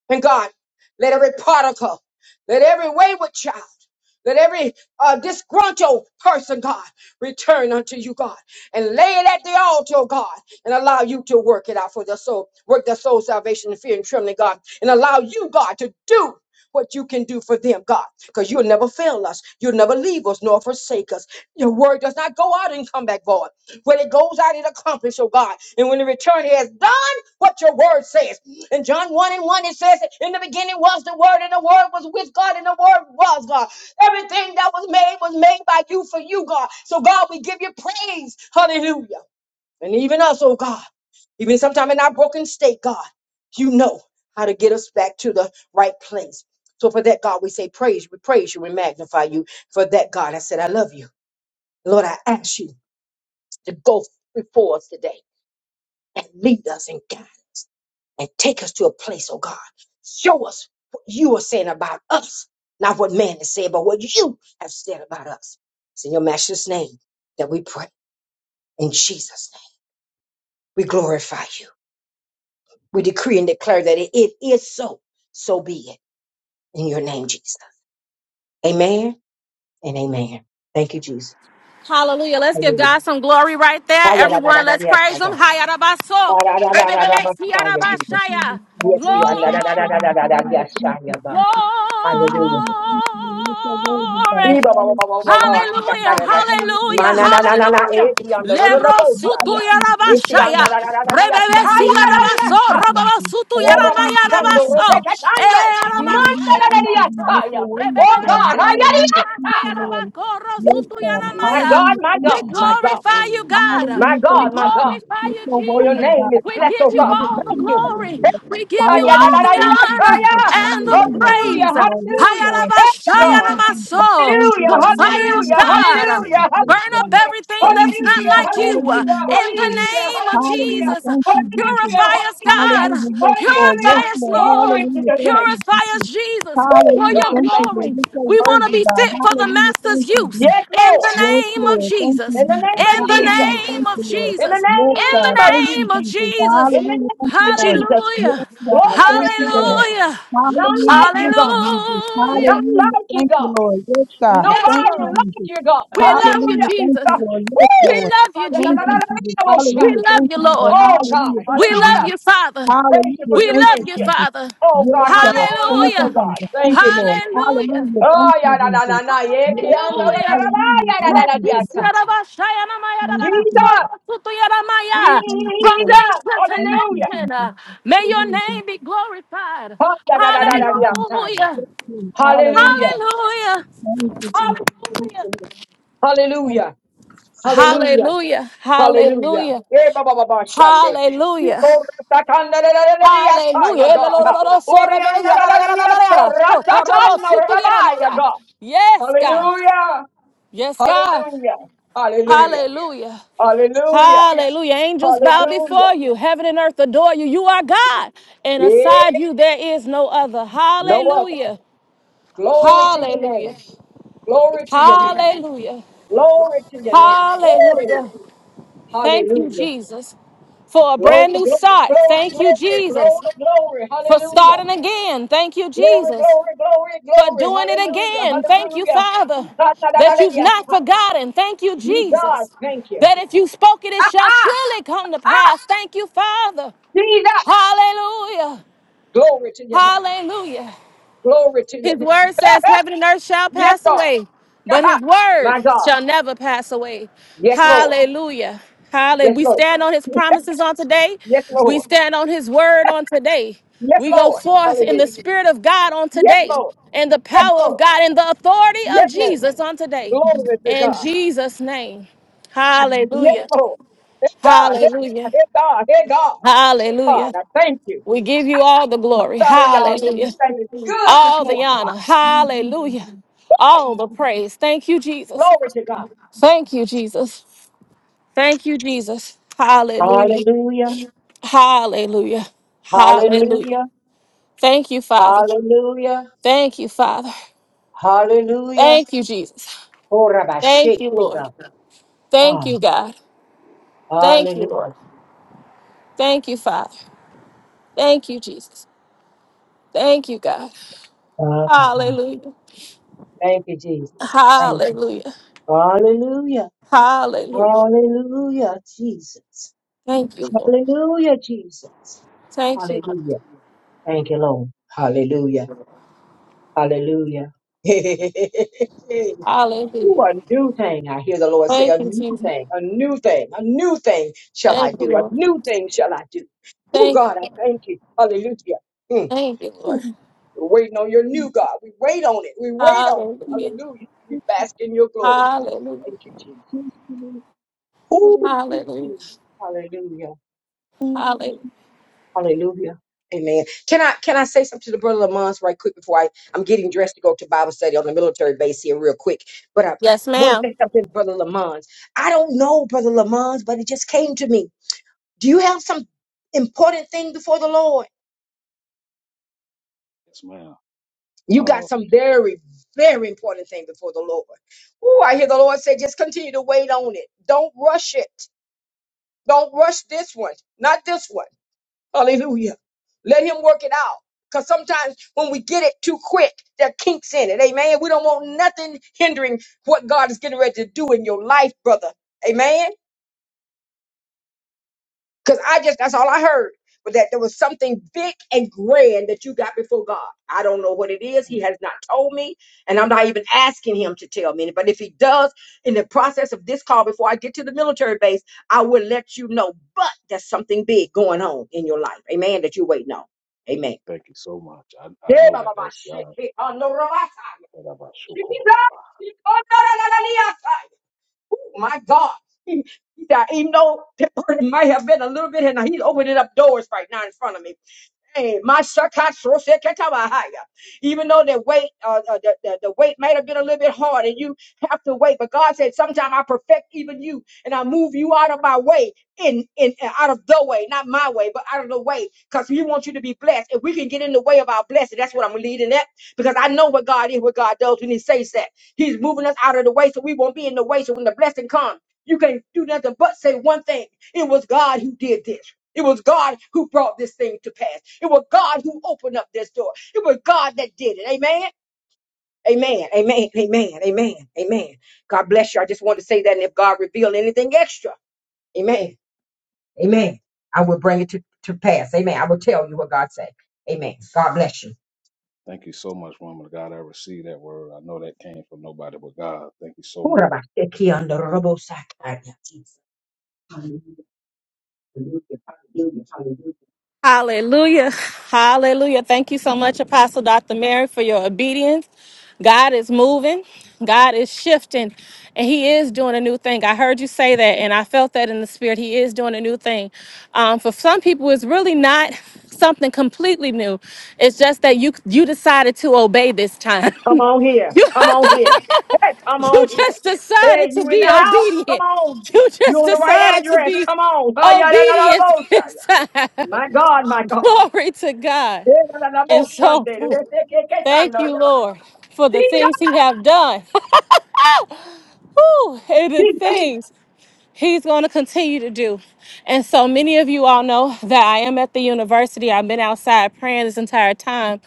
Speaker 4: And God, let every particle, let every wayward child, let every uh, disgruntled person, God, return unto you, God, and lay it at the altar, oh God, and allow you to work it out for the soul, work the soul salvation in fear and trembling, God, and allow you, God, to do what you can do for them, God, because you'll never fail us. You'll never leave us nor forsake us. Your word does not go out and come back void. When it goes out, it accomplishes, oh God. And when it returns, it has done what your word says. In John 1 and 1, it says, In the beginning was the Word, and the Word was with God, and the Word was God. Everything that was made was made by you for you, God. So, God, we give you praise. Hallelujah. And even us, oh God, even sometime in our broken state, God, you know how to get us back to the right place. So, for that, God, we say praise you, we praise you, we magnify you. For that, God, I said, I love you. Lord, I ask you to go before us today and lead us and guide and take us to a place, oh God. Show us what you are saying about us, not what man has said, but what you have said about us. It's in your master's name that we pray. In Jesus' name, we glorify you. We decree and declare that it it is so. So be it. In your name, Jesus. Amen and amen. Thank you, Jesus.
Speaker 1: Hallelujah. Let's give
Speaker 4: Hallelujah.
Speaker 1: God some glory right there. Everyone, let's praise Him. Hayarabaso.
Speaker 4: Hallelujah.
Speaker 3: Jesus.
Speaker 1: Rebebekiyarabashaya.
Speaker 4: Yes, yeah,
Speaker 3: Hallelujah.
Speaker 4: da,
Speaker 1: Glory.
Speaker 4: da,
Speaker 3: Thank
Speaker 4: da,
Speaker 3: you.
Speaker 4: da, da,
Speaker 3: Lord.
Speaker 4: da, da, da,
Speaker 3: Hallelujah.
Speaker 4: yes,
Speaker 3: Thank
Speaker 4: yeah,
Speaker 3: you.
Speaker 4: yeah, God.
Speaker 1: Glory.
Speaker 3: Jesus.
Speaker 2: Thank
Speaker 4: Hallelujah.
Speaker 3: Hallelujah. Thank you. Lord. You're so
Speaker 2: you, Lord.
Speaker 3: worthy, God.
Speaker 4: Ee, ba, ba, ba, ba,
Speaker 3: Hallelujah.
Speaker 4: ba,
Speaker 2: Thank
Speaker 4: ba,
Speaker 3: Thank
Speaker 4: ba,
Speaker 3: you.
Speaker 1: Hallelujah.
Speaker 3: Jesus.
Speaker 4: shakarara.
Speaker 3: Hallelujah.
Speaker 1: Hallelujah.
Speaker 4: Mana
Speaker 3: Thank
Speaker 4: na na
Speaker 3: you.
Speaker 4: na na
Speaker 1: Hallelujah.
Speaker 4: eti anda ro ro ro bo
Speaker 3: Lord.
Speaker 4: shaya.
Speaker 3: Hallelujah. Thank you.
Speaker 4: Eti
Speaker 3: Jesus.
Speaker 1: Lerosutuyarabashaya.
Speaker 4: anda na na na na dia saya na na
Speaker 3: Hallelujah.
Speaker 4: dia
Speaker 1: Rebebesiyarabaso.
Speaker 3: Thank you.
Speaker 4: saya.
Speaker 3: Jesus.
Speaker 4: Ora
Speaker 3: Hallelujah.
Speaker 4: masando
Speaker 3: Thank you.
Speaker 4: ro
Speaker 1: Robabasutuyaramayarabaso.
Speaker 4: te
Speaker 3: Jesus.
Speaker 4: ketando. Manta
Speaker 3: Hallelujah.
Speaker 4: na
Speaker 3: Thank you. Jesus.
Speaker 4: na dia
Speaker 1: Eramasayarabaso.
Speaker 3: You're so
Speaker 4: saya.
Speaker 3: worthy,
Speaker 4: Oh
Speaker 3: God.
Speaker 4: God, haya dia
Speaker 3: Hallelujah. Thank you,
Speaker 4: saya.
Speaker 3: Lord.
Speaker 2: you.
Speaker 3: Yes,
Speaker 2: Glory to your
Speaker 3: God.
Speaker 2: name.
Speaker 4: My God,
Speaker 3: Hallelujah.
Speaker 1: Rebebesutiyaramasayarabakorosutuyaramaya.
Speaker 4: my
Speaker 3: Thank
Speaker 1: We
Speaker 3: you,
Speaker 4: God, my
Speaker 3: Jesus.
Speaker 4: God.
Speaker 1: glorify you,
Speaker 2: Glory to your name.
Speaker 1: God.
Speaker 4: My
Speaker 3: Hallelujah.
Speaker 1: We
Speaker 3: Thank
Speaker 4: God, my
Speaker 3: you,
Speaker 4: God.
Speaker 3: Jesus.
Speaker 1: glorify
Speaker 3: Yes,
Speaker 1: you,
Speaker 3: You're so
Speaker 4: For your
Speaker 1: Jesus.
Speaker 3: worthy, God.
Speaker 4: name is
Speaker 1: We
Speaker 4: blessed,
Speaker 1: give
Speaker 4: oh
Speaker 1: you
Speaker 4: God. We
Speaker 1: all the
Speaker 4: thank
Speaker 2: Glory
Speaker 4: you.
Speaker 2: to your
Speaker 1: glory.
Speaker 2: name.
Speaker 1: We
Speaker 2: God.
Speaker 4: Hallelujah,
Speaker 1: give you all
Speaker 3: Hallelujah.
Speaker 1: the
Speaker 3: Thank you,
Speaker 1: honor
Speaker 3: Jesus.
Speaker 1: and the
Speaker 3: Hallelujah. Thank
Speaker 1: praise.
Speaker 3: you, Lord. Yes,
Speaker 4: hallelujah.
Speaker 3: Lord.
Speaker 4: Thank you,
Speaker 3: Thank
Speaker 4: God.
Speaker 3: you, Jesus. Thank
Speaker 1: Hayarabashayaramaso.
Speaker 4: Hallelujah,
Speaker 3: you,
Speaker 1: The
Speaker 3: Lord.
Speaker 1: fire of
Speaker 3: Hallelujah.
Speaker 4: hallelujah,
Speaker 3: Thank you,
Speaker 1: God.
Speaker 2: Glory
Speaker 4: hallelujah,
Speaker 3: Jesus.
Speaker 2: to
Speaker 3: Yes,
Speaker 2: your
Speaker 1: Burn
Speaker 2: name.
Speaker 1: up
Speaker 3: God.
Speaker 4: hallelujah.
Speaker 1: everything
Speaker 3: Thank
Speaker 1: that's
Speaker 3: you,
Speaker 1: not
Speaker 4: Hallelujah, hallelujah,
Speaker 3: Jesus.
Speaker 1: like you in
Speaker 3: Hallelujah.
Speaker 4: hallelujah,
Speaker 3: Yes,
Speaker 1: the
Speaker 3: Lord.
Speaker 4: hallelujah.
Speaker 1: name of
Speaker 3: Hallelujah.
Speaker 1: Jesus.
Speaker 3: Thank you, Jesus.
Speaker 4: Hallelujah, hallelujah, hallelujah.
Speaker 1: Purify us, God.
Speaker 3: Hallelujah. Yes, Lord.
Speaker 1: Purify
Speaker 3: Yes,
Speaker 1: us,
Speaker 3: Lord.
Speaker 4: Glory
Speaker 1: Lord.
Speaker 4: to
Speaker 3: Hallelujah.
Speaker 4: the
Speaker 3: Thank
Speaker 4: name.
Speaker 3: you,
Speaker 1: Purify us,
Speaker 3: Jesus.
Speaker 1: Jesus,
Speaker 4: Oh,
Speaker 1: for
Speaker 3: Hallelujah.
Speaker 1: your
Speaker 4: God,
Speaker 3: Thank you,
Speaker 4: thank
Speaker 3: Lord.
Speaker 4: you.
Speaker 1: glory.
Speaker 3: You're so
Speaker 1: We want to
Speaker 3: worthy,
Speaker 1: be
Speaker 3: God.
Speaker 1: fit for the
Speaker 3: Hallelujah. Thank
Speaker 1: Master's
Speaker 3: you,
Speaker 1: use
Speaker 3: Jesus.
Speaker 4: Yes,
Speaker 1: in
Speaker 4: Lord.
Speaker 1: the
Speaker 3: Yes,
Speaker 1: name of
Speaker 3: Lord. Thank you,
Speaker 1: Jesus.
Speaker 4: In the name
Speaker 3: Jesus.
Speaker 4: of
Speaker 1: In the
Speaker 4: Jesus.
Speaker 3: Hallelujah. Thank
Speaker 1: name of
Speaker 3: you, Lord.
Speaker 4: In the
Speaker 1: Jesus.
Speaker 3: Yes,
Speaker 1: In the
Speaker 4: name
Speaker 3: God.
Speaker 4: of
Speaker 3: Thank you,
Speaker 1: name of
Speaker 4: Jesus.
Speaker 3: Jesus.
Speaker 1: Jesus.
Speaker 4: In the
Speaker 3: Hallelujah.
Speaker 4: name
Speaker 3: Thank
Speaker 4: of
Speaker 3: you, Lord.
Speaker 4: Jesus.
Speaker 3: Yes,
Speaker 1: Hallelujah.
Speaker 3: God. Thank
Speaker 4: Glory to
Speaker 3: you,
Speaker 4: your
Speaker 3: Lord.
Speaker 4: name.
Speaker 1: Hallelujah.
Speaker 4: None
Speaker 3: Hallelujah.
Speaker 4: like you,
Speaker 3: Thank you,
Speaker 4: God.
Speaker 3: Jesus.
Speaker 4: None
Speaker 1: Hallelujah.
Speaker 3: Hallelujah.
Speaker 4: like you,
Speaker 3: Thank you,
Speaker 4: God.
Speaker 3: Lord. Yes, God.
Speaker 1: Yes,
Speaker 3: Thank
Speaker 4: Nobody
Speaker 3: you,
Speaker 1: Lord.
Speaker 4: like
Speaker 3: Jesus.
Speaker 4: you, God.
Speaker 1: We love you,
Speaker 3: Hallelujah.
Speaker 4: Hallelujah.
Speaker 3: Thank
Speaker 1: Jesus.
Speaker 3: you, Lord. Yes,
Speaker 4: Woo!
Speaker 1: We
Speaker 3: Lord.
Speaker 1: love you,
Speaker 3: Thank
Speaker 1: Jesus.
Speaker 3: you, Jesus.
Speaker 1: We
Speaker 3: Hallelujah.
Speaker 1: love
Speaker 3: Thank
Speaker 1: you,
Speaker 3: you,
Speaker 1: Lord.
Speaker 3: Lord.
Speaker 4: Oh, God.
Speaker 3: Hallelujah. Thank
Speaker 1: We
Speaker 3: you,
Speaker 1: love
Speaker 4: Hallelujah.
Speaker 3: Jesus.
Speaker 1: you, Father.
Speaker 4: Thank you
Speaker 3: Hallelujah.
Speaker 4: for
Speaker 1: We
Speaker 4: your
Speaker 3: Thank
Speaker 1: love
Speaker 3: you,
Speaker 1: you,
Speaker 4: friendship.
Speaker 3: Jesus.
Speaker 1: Father.
Speaker 4: Oh,
Speaker 3: Yes,
Speaker 4: God, how you
Speaker 3: God.
Speaker 4: honor
Speaker 3: Thank
Speaker 4: us,
Speaker 3: you,
Speaker 4: oh,
Speaker 1: Hallelujah.
Speaker 4: God.
Speaker 3: Father. Thank
Speaker 4: Thank
Speaker 3: you,
Speaker 4: you, Jesus.
Speaker 3: Lord.
Speaker 1: Hallelujah.
Speaker 3: Hallelujah. Thank
Speaker 4: Oh,
Speaker 3: you,
Speaker 4: yeah, na, na, na,
Speaker 3: Jesus.
Speaker 4: na, yeah,
Speaker 3: Yes,
Speaker 4: yeah, na, na, na, na, na,
Speaker 3: Lord.
Speaker 1: Hallelujah.
Speaker 3: Hallelujah.
Speaker 4: yeah, na, na,
Speaker 3: Thank
Speaker 1: Let
Speaker 4: na,
Speaker 3: you,
Speaker 4: yeah,
Speaker 3: Jesus.
Speaker 1: peace be
Speaker 4: son.
Speaker 1: of us, Shayanamaya, da,
Speaker 3: Thank
Speaker 1: da, da,
Speaker 3: you, Jesus.
Speaker 4: Jesus.
Speaker 1: Soro, Sutu, Yaramaya.
Speaker 3: Thank you,
Speaker 1: from
Speaker 3: Lord.
Speaker 4: Jesus.
Speaker 1: nation to
Speaker 3: Thank you,
Speaker 4: Hallelujah.
Speaker 3: Jesus.
Speaker 1: nation. uh, May
Speaker 3: Hallelujah.
Speaker 1: your name be glorified.
Speaker 4: Oh, da, da, da, da, da,
Speaker 3: Thank you,
Speaker 4: yeah,
Speaker 3: Jesus.
Speaker 4: son.
Speaker 1: Hallelujah.
Speaker 3: Yes, Lord. Hallelujah.
Speaker 4: Hallelujah.
Speaker 1: Hallelujah.
Speaker 3: Thank you, Jesus. Thank
Speaker 1: Hallelujah.
Speaker 3: you, Lord. Thank
Speaker 4: Hallelujah. Hallelujah.
Speaker 1: Hallelujah.
Speaker 4: Hallelujah.
Speaker 1: Hallelujah.
Speaker 4: Eh, ba, ba, ba, ba, shande. We
Speaker 1: Hallelujah.
Speaker 4: call the Satan, la, la, la, la, la, la, yes, ah, yeah,
Speaker 1: Hallelujah.
Speaker 4: God.
Speaker 1: Elelororo
Speaker 4: Ori,
Speaker 1: sorebe,
Speaker 4: ah, la, la,
Speaker 1: yada,
Speaker 4: la,
Speaker 1: yada,
Speaker 4: la,
Speaker 1: yada, yada,
Speaker 4: yes, oh,
Speaker 1: yada.
Speaker 4: ra,
Speaker 1: So, torobo
Speaker 4: Satan, no, ra,
Speaker 1: sutu yada
Speaker 4: yeah,
Speaker 1: maya.
Speaker 4: God.
Speaker 1: Yes, God.
Speaker 4: Hallelujah.
Speaker 1: Yes, God.
Speaker 4: Hallelujah. Hallelujah.
Speaker 1: Hallelujah.
Speaker 4: Hallelujah.
Speaker 1: Hallelujah. Angels bow
Speaker 4: Hallelujah.
Speaker 1: before you. Heaven and earth adore you. You are God. And aside
Speaker 4: Yeah,
Speaker 1: you, there is no other.
Speaker 4: no other.
Speaker 1: Hallelujah.
Speaker 4: Glory to your name.
Speaker 1: Hallelujah.
Speaker 4: Glory to your name.
Speaker 1: Hallelujah.
Speaker 4: Glory to your name.
Speaker 1: Hallelujah.
Speaker 4: Hey,
Speaker 1: Thank you,
Speaker 4: hallelujah.
Speaker 1: Jesus for a
Speaker 4: Glory,
Speaker 1: brand new
Speaker 4: glory,
Speaker 1: start. Thank you,
Speaker 4: glory, glory,
Speaker 1: Jesus,
Speaker 4: glory, glory.
Speaker 1: for
Speaker 4: Hallelujah.
Speaker 1: starting again. Thank you,
Speaker 4: Glory,
Speaker 1: Jesus.
Speaker 4: glory, glory,
Speaker 1: for
Speaker 4: glory.
Speaker 1: doing it
Speaker 4: Hallelujah,
Speaker 1: again. Thank you,
Speaker 4: hallelujah.
Speaker 1: Father, that you've not forgotten. Thank you,
Speaker 4: Me God,
Speaker 1: Jesus,
Speaker 4: thank you.
Speaker 1: that if you spoke it, it
Speaker 4: Ah,
Speaker 1: shall
Speaker 4: ah,
Speaker 1: surely come to
Speaker 4: ah,
Speaker 1: pass. Thank you, Father.
Speaker 4: Jesus.
Speaker 1: Hallelujah.
Speaker 4: Glory to your name.
Speaker 1: Hallelujah.
Speaker 4: Glory to
Speaker 1: His
Speaker 4: your name.
Speaker 1: word says, Heaven and earth shall
Speaker 4: yes,
Speaker 1: pass
Speaker 4: God.
Speaker 1: away, but his
Speaker 4: My
Speaker 1: word
Speaker 4: God.
Speaker 1: shall never pass away.
Speaker 4: Yes, Lord.
Speaker 1: Hallelujah. Hallelujah.
Speaker 4: Yes,
Speaker 1: We
Speaker 4: Lord.
Speaker 1: stand on his promises on today.
Speaker 4: Yes,
Speaker 1: We
Speaker 4: Lord.
Speaker 1: stand on his word on today.
Speaker 4: Yes,
Speaker 1: We go
Speaker 4: Lord.
Speaker 1: forth in
Speaker 4: Hallelujah.
Speaker 1: the spirit of God on
Speaker 4: Yes,
Speaker 1: today,
Speaker 4: Lord.
Speaker 1: and the
Speaker 4: Yes,
Speaker 1: power of
Speaker 4: Lord.
Speaker 1: God, and the authority of
Speaker 4: Yes, Lord.
Speaker 1: Jesus on today.
Speaker 4: Glory to
Speaker 1: In
Speaker 4: God.
Speaker 1: Jesus' name.
Speaker 4: Yes,
Speaker 1: Hallelujah.
Speaker 4: Lord. Hey, God. Hey,
Speaker 1: Hallelujah.
Speaker 4: God. Hey, God. Hey, God. God,
Speaker 1: Hallelujah.
Speaker 4: I thank you.
Speaker 1: We give you all the glory.
Speaker 4: Sorry, y'all. This is
Speaker 1: Hallelujah
Speaker 4: thing is good this
Speaker 1: all the
Speaker 4: morning.
Speaker 1: honor. Hallelujah. All the praise. Thank you, Jesus.
Speaker 4: Glory to God.
Speaker 1: Thank you, Jesus. Thank you, Jesus. Hallelujah.
Speaker 4: Hallelujah.
Speaker 1: Hallelujah.
Speaker 4: Hallelujah.
Speaker 1: Hallelujah. Thank you, Father.
Speaker 4: Hallelujah.
Speaker 1: Thank you, Father.
Speaker 4: Hallelujah.
Speaker 1: Thank you, Jesus. Thank you, Lord.
Speaker 4: Horabashekega.
Speaker 1: Thank
Speaker 4: Ah,
Speaker 1: you, God. Thank you,
Speaker 4: Hallelujah.
Speaker 1: Lord. Thank you, Father. Thank you, Jesus. Thank you, God.
Speaker 4: Father God.
Speaker 1: Hallelujah.
Speaker 4: Thank you, Jesus. Thank you.
Speaker 1: Hallelujah.
Speaker 4: Hallelujah.
Speaker 1: Hallelujah.
Speaker 4: Hallelujah, Jesus.
Speaker 1: Thank you, Lord.
Speaker 4: Hallelujah, Jesus.
Speaker 1: Thank you, Lord.
Speaker 4: Hallelujah. Thank you, Lord. Hallelujah. Hallelujah. do
Speaker 1: Hallelujah.
Speaker 4: a new thing. I hear the Lord say,
Speaker 1: Thank
Speaker 4: a
Speaker 1: you,
Speaker 4: new
Speaker 1: Jesus.
Speaker 4: thing, a new thing, a new thing shall I
Speaker 1: Thank you,
Speaker 4: do, a
Speaker 1: Lord.
Speaker 4: new thing shall I do. Oh,
Speaker 1: Thank you.
Speaker 4: God, I thank you. Hallelujah. Mm.
Speaker 1: Thank you,
Speaker 4: We're
Speaker 1: Lord.
Speaker 4: waiting on your new God. We wait on it. We wait on
Speaker 1: Hallelujah.
Speaker 4: it. Hallelujah. We bask in your glory, God.
Speaker 1: Hallelujah.
Speaker 4: Thank you, Jesus.
Speaker 3: you. Thank you, Lord.
Speaker 4: Ooh,
Speaker 1: Hallelujah.
Speaker 4: hallelujah.
Speaker 3: Hallelujah.
Speaker 1: Hallelujah.
Speaker 4: Hallelujah. Amen. Can I can I say something to the brother Lamont right quick before I I'm getting dressed to go to Bible study on the military base here real quick. But I
Speaker 1: Yes,
Speaker 4: want to say
Speaker 1: ma'am.
Speaker 4: something to brother Lamont. I don't know brother Lamont, but it just came to me. Do you have some important thing before the Lord?
Speaker 2: Yes, ma'am.
Speaker 4: You got
Speaker 2: Oh,
Speaker 4: some very very important thing before the Lord. Oh, I hear the Lord say, just continue to wait on it. Don't rush it. Don't rush this one. Not this one. Hallelujah. Let him work it out. Because sometimes when we get it too quick, there are kinks in it. Amen. We don't want nothing hindering what God is getting ready to do in your life, brother. Amen. Because I just, that's all I heard. But that there was something big and grand that you got before God. I don't know what it is. He
Speaker 2: amen.
Speaker 4: has not told me. And I'm not even asking him to tell me. But if he does, in the process of this call, before I get to the military base, I will let you know. But there's something big going on in your life. Amen. That you're waiting on. Amen.
Speaker 2: thank you so much. I, I know
Speaker 4: Deba
Speaker 2: that
Speaker 4: baba
Speaker 2: that's God.
Speaker 4: shiki kondo rabasaya. Shiki da, shiki kondo la la la liasaya. Oh my God. He, he said, even though it might have been a little bit, and he's opened it up doors right now in front of me. Hey, my shakashoseketawahaya. Even though the weight, uh, uh, the, the, the weight might have been a little bit hard, and you have to wait. But God said, "Sometime I perfect even you, and I move you out of my way, in in uh, out of the way, not my way, but out of the way, because He wants you to be blessed. If we can get in the way of our blessing, that's what I'm leading at, because I know what God is, what God does when He says that. He's moving us out of the way, so we won't be in the way. So when the blessing comes, you can not do nothing but say one thing: It was God who did this. It was God who brought this thing to pass. It was God who opened up this door. It was God that did it. Amen. Amen. Amen. Amen. Amen. Amen. God bless you. I just wanted to say that. And if God revealed anything extra, amen. Amen. I will bring it to, to pass. Amen. I will tell you what God said. Amen. God bless you.
Speaker 2: Thank you so much, woman of God. I received that word. I know that came from nobody but God. Thank you so much.
Speaker 4: Hallelujah. Hallelujah. Hallelujah.
Speaker 1: Hallelujah. Hallelujah. Thank you so much, Apostle Dr. Mary, for your obedience. God is moving. God is shifting. And He is doing a new thing. I heard you say that, and I felt that in the spirit. He is doing a new thing. Um, for some people, it's really not something completely new. It's just that you you decided to obey this time.
Speaker 4: Come on here.
Speaker 1: you
Speaker 4: Come on here. Hey, come
Speaker 1: You
Speaker 4: on here.
Speaker 1: just decided
Speaker 4: Hey,
Speaker 1: to
Speaker 4: you in
Speaker 1: be
Speaker 4: the house? Come
Speaker 1: obedient.
Speaker 4: on.
Speaker 1: You
Speaker 4: You
Speaker 1: just
Speaker 4: on the right
Speaker 1: decided to
Speaker 4: address?
Speaker 1: be
Speaker 4: Come on. Ah, yeah, da, da, da, da,
Speaker 1: obedient
Speaker 4: bo, sa, yeah.
Speaker 1: this time.
Speaker 4: My God, my God.
Speaker 1: Glory to God.
Speaker 4: Yeah, da, da, da,
Speaker 1: And
Speaker 4: bo, shande.
Speaker 1: so
Speaker 4: Re, se, ke, ke, chanda.
Speaker 1: thank you,
Speaker 4: Re, ba,
Speaker 1: Lord, for the
Speaker 4: Jesus,
Speaker 1: things He have done. Whew, and the Hey,
Speaker 4: Jesus.
Speaker 1: things he's going to continue to do. And so many of you all know that I am at the university. I've been outside praying this entire time,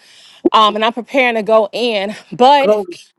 Speaker 1: um, and I'm preparing to go in. But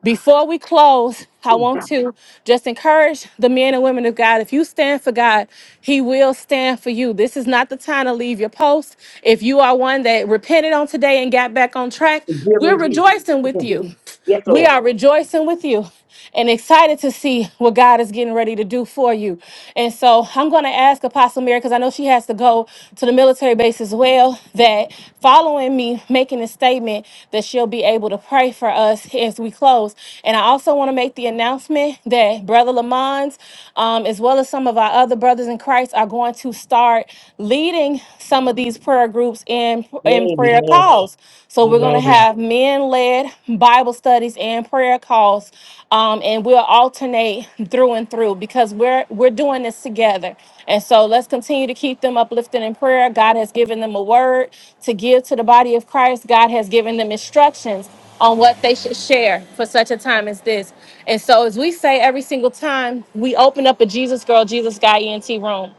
Speaker 1: before we close, I want to just encourage the men and women of God. If you stand for God, He will stand for you. This is not the time to leave your post. If you are one that repented on today and got back on track,
Speaker 4: Give me
Speaker 1: we're
Speaker 4: Jesus.
Speaker 1: rejoicing with you.
Speaker 4: Yes,
Speaker 1: We
Speaker 4: Lord.
Speaker 1: are rejoicing with you and excited to see what God is getting ready to do for you. And so I'm going to ask Apostle Mary, because I know she has to go to the military base as well, that following me making a statement, that she'll be able to pray for us as we close. And I also want to make the announcement that Brother Lamont, um, as well as some of our other brothers in Christ, are going to start leading some of these prayer groups in and prayer
Speaker 4: Amen.
Speaker 1: calls. So we're
Speaker 4: Amen.
Speaker 1: going to have men-led Bible studies and prayer calls, um, and we'll alternate through and through because we're we're doing this together. And so let's continue to keep them uplifted in prayer. God has given them a word to give to the body of Christ. God has given them instructions on what they should share for such a time as this. And so, as we say every single time, we open up a Jesus Girl, Jesus Guy ENT room.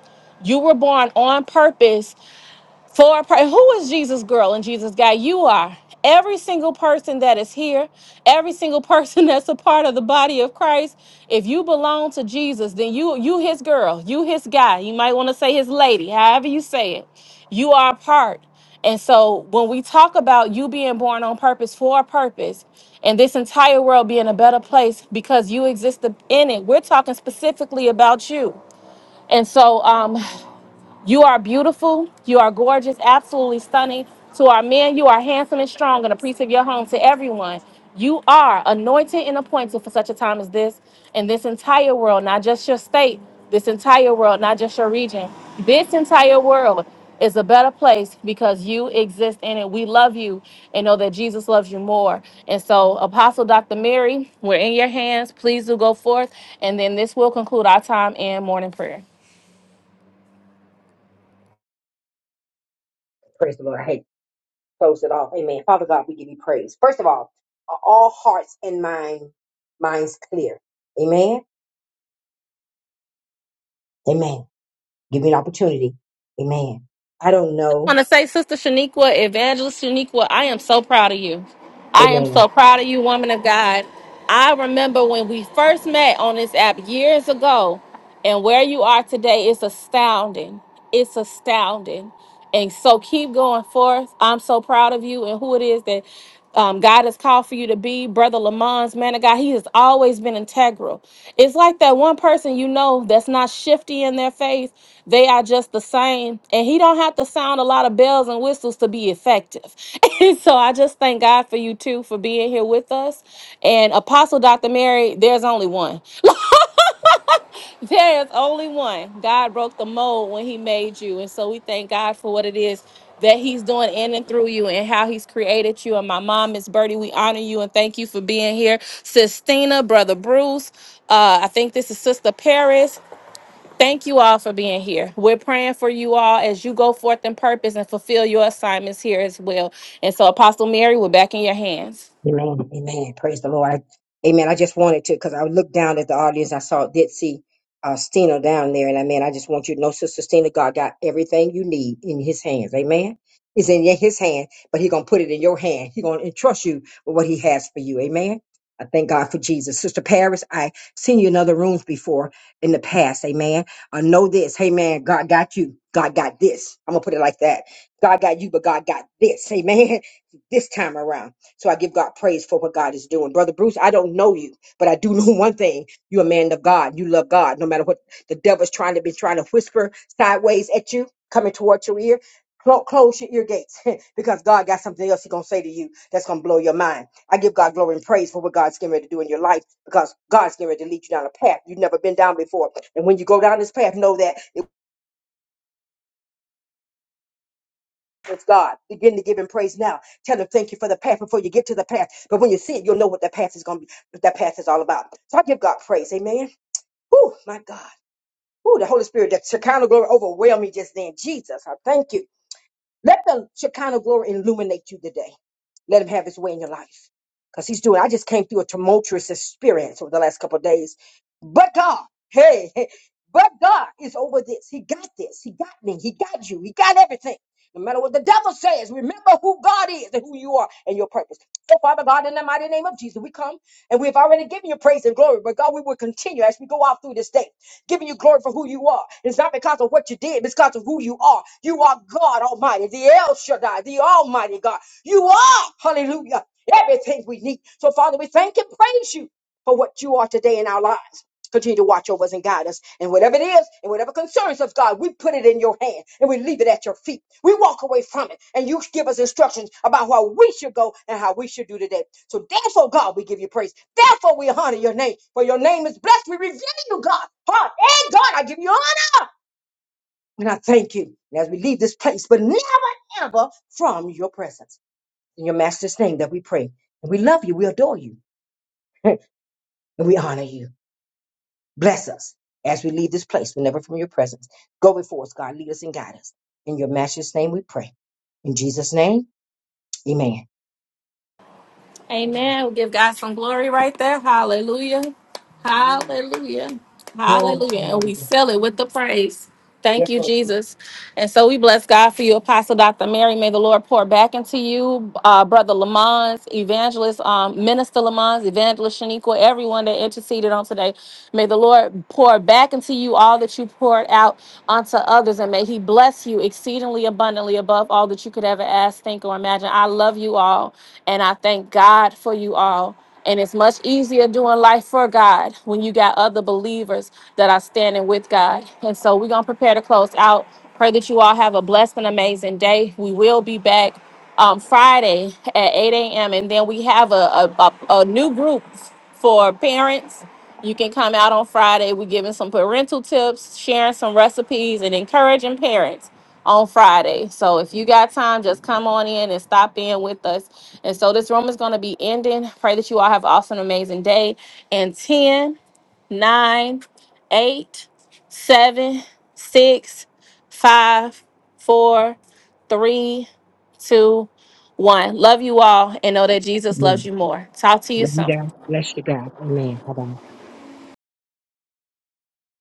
Speaker 1: You were born on purpose for a per- who is Jesus girl and Jesus guy? You are. Every single person that is here, every single person that's a part of the body of Christ, if you belong to Jesus, then you you his girl, you his guy. You might want to say his lady, however you say it. You are a part. And so when we talk about you being born on purpose for a purpose and this entire world being a better place because you exist in it, we're talking specifically about you. And so, um. You are beautiful. You are gorgeous, absolutely stunning. To our men, you are handsome and strong and a priest of your home. To everyone, you are anointed and appointed for such a time as this. And this entire world, not just your state, this entire world, not just your region, this entire world is a better place because you exist in it. We love you and know that Jesus loves you more. And so, Apostle Dr. Mary, we're in your hands. Please do go forth. And then this will conclude our time in morning prayer.
Speaker 4: Praise the Lord. I hate to close it off. Amen. Father God, we give you praise. First of all, are all hearts and mind, minds clear. Amen. Amen. Give me an opportunity. Amen. I don't know.
Speaker 1: want to say, Sister Shaniqua, Evangelist Shaniqua, I am so proud of you. I am
Speaker 4: Amen.
Speaker 1: so proud of you, woman of God. I remember when we first met on this app years ago, and where you are today is astounding. It's astounding. And so keep going forth. I'm so proud of you and who it is that um, God has called for you to be. Brother Lamont's man of God, he has always been integral. It's like that one person you know that's not shifty in their faith. They are just the same. And he don't have to sound a lot of bells and whistles to be effective. And so I just thank God for you too for being here with us. And Apostle Dr. Mary, there's only one. There is only one. God broke the mold when He made you. And so we thank God for what it is that He's doing in and through you and how He's created you. And my mom, Miss Birdie, we honor you and thank you for being here. Sistina, Brother Bruce, uh, I think this is Sister Paris. Thank you all for being here. We're praying for you all as you go forth in purpose and fulfill your assignments here as well. And so, Apostle Mary, we're back in your hands.
Speaker 4: Amen. Amen. Praise the Lord. I, amen. I just wanted to, because I looked down at the audience. I saw, did see uh, Stina down there. And I mean, I just want you to know, Sister Stina, God got everything you need in his hands. Amen. It's in his hand, but He's going to put it in your hand. He's going to entrust you with what he has for you. Amen. I thank God for Jesus. Sister Paris, I seen you in other rooms before in the past. Amen. I know this. Hey, man, God got you. God got this. I'm going to put it like that. God got you, but God got this. Amen. This time around. So I give God praise for what God is doing. Brother Bruce, I don't know you, but I do know one thing. You're a man of God. You love God. No matter what the devil's trying to be trying to whisper sideways at you, coming towards your ear. clo- Close your ear gates because God got something else He's gonna say to you that's gonna blow your mind. I give God glory and praise for what God's getting ready to do in your life because God's getting ready to lead you down a path you've never been down before. And when you go down this path, know that with God. Begin to give him praise now. Tell him thank you for the path before you get to the path. But when you see it, you'll know what that path is going to be, what that path is all about. So I give God praise. Amen. Oh, my God. Oh, the Holy Spirit, that Shekinah glory overwhelmed me just then. Jesus, I thank you. Let the Shekinah glory illuminate you today. Let him have his way in your life. Because he's doing, I just came through a tumultuous experience over the last couple of days. But God, hey, hey, but God is over this. He got this. He got me. He got you. He got everything. No matter what the devil says, remember who God is and who you are and your purpose. So, Father God, in the mighty name of Jesus, we come and we have already given you praise and glory. But God, we will continue as we go out through this day giving you glory for who you are. It's not because of what you did, it's because of who you are. You are God Almighty, the El Shaddai, the Almighty God. You are, hallelujah, everything we need. So, Father, we thank and praise you for what you are today in our lives. Continue to watch over us and guide us. And whatever it is, and whatever concerns us, God, we put it in your hand and we leave it at your feet. We walk away from it and you give us instructions about how we should go and how we should do today. So therefore, God, we give you praise. Therefore, we honor your name. For your name is blessed. We revere you, God. Oh, and God, I give you honor. And I thank you And as we leave this place, but never, ever from your presence. In your master's name that we pray. And we love you. We adore you. and we honor you. Bless us as we leave this place, but never from your presence. Go before us, God. Lead us and guide us. In your master's name we pray. In Jesus' name, amen. Amen.
Speaker 1: Amen. We'll give God some glory right there. Hallelujah.
Speaker 2: Hallelujah.
Speaker 1: Hallelujah.
Speaker 4: Glory to
Speaker 1: Hallelujah.
Speaker 4: the
Speaker 1: And we
Speaker 4: Lord.
Speaker 1: fill it with the praise. Thank
Speaker 4: Yes,
Speaker 1: you,
Speaker 4: Lord.
Speaker 1: Jesus. And so we bless God for you, Apostle Dr. Mary. May the Lord pour back into you, uh, Brother Lamont, Evangelist, um, Minister Lamont, Evangelist Shaniqua, everyone that interceded on today. May the Lord pour back into you all that you poured out unto others, and may He bless you exceedingly abundantly above all that you could ever ask, think, or imagine. I love you all. And I thank God for you all. And it's much easier doing life for God when you got other believers that are standing with God. And so we're going to prepare to close out. Pray that you all have a blessed and amazing day. We will be back um, Friday at 8 a.m. And then we have a, a, a, a new group for parents. You can come out on Friday. We're giving some parental tips, sharing some recipes, and encouraging parents on Friday. So if you got time, just come on in and stop in with us. And so this room is going to be ending. Pray that you all have an awesome, amazing day. And ten, nine, eight, seven, six, five, four, three, two, one. Love you all and know that Jesus
Speaker 4: Amen.
Speaker 1: loves you more. Talk to you
Speaker 4: Love you
Speaker 1: soon.
Speaker 4: guys. Bless you, God. Amen. Bye-bye.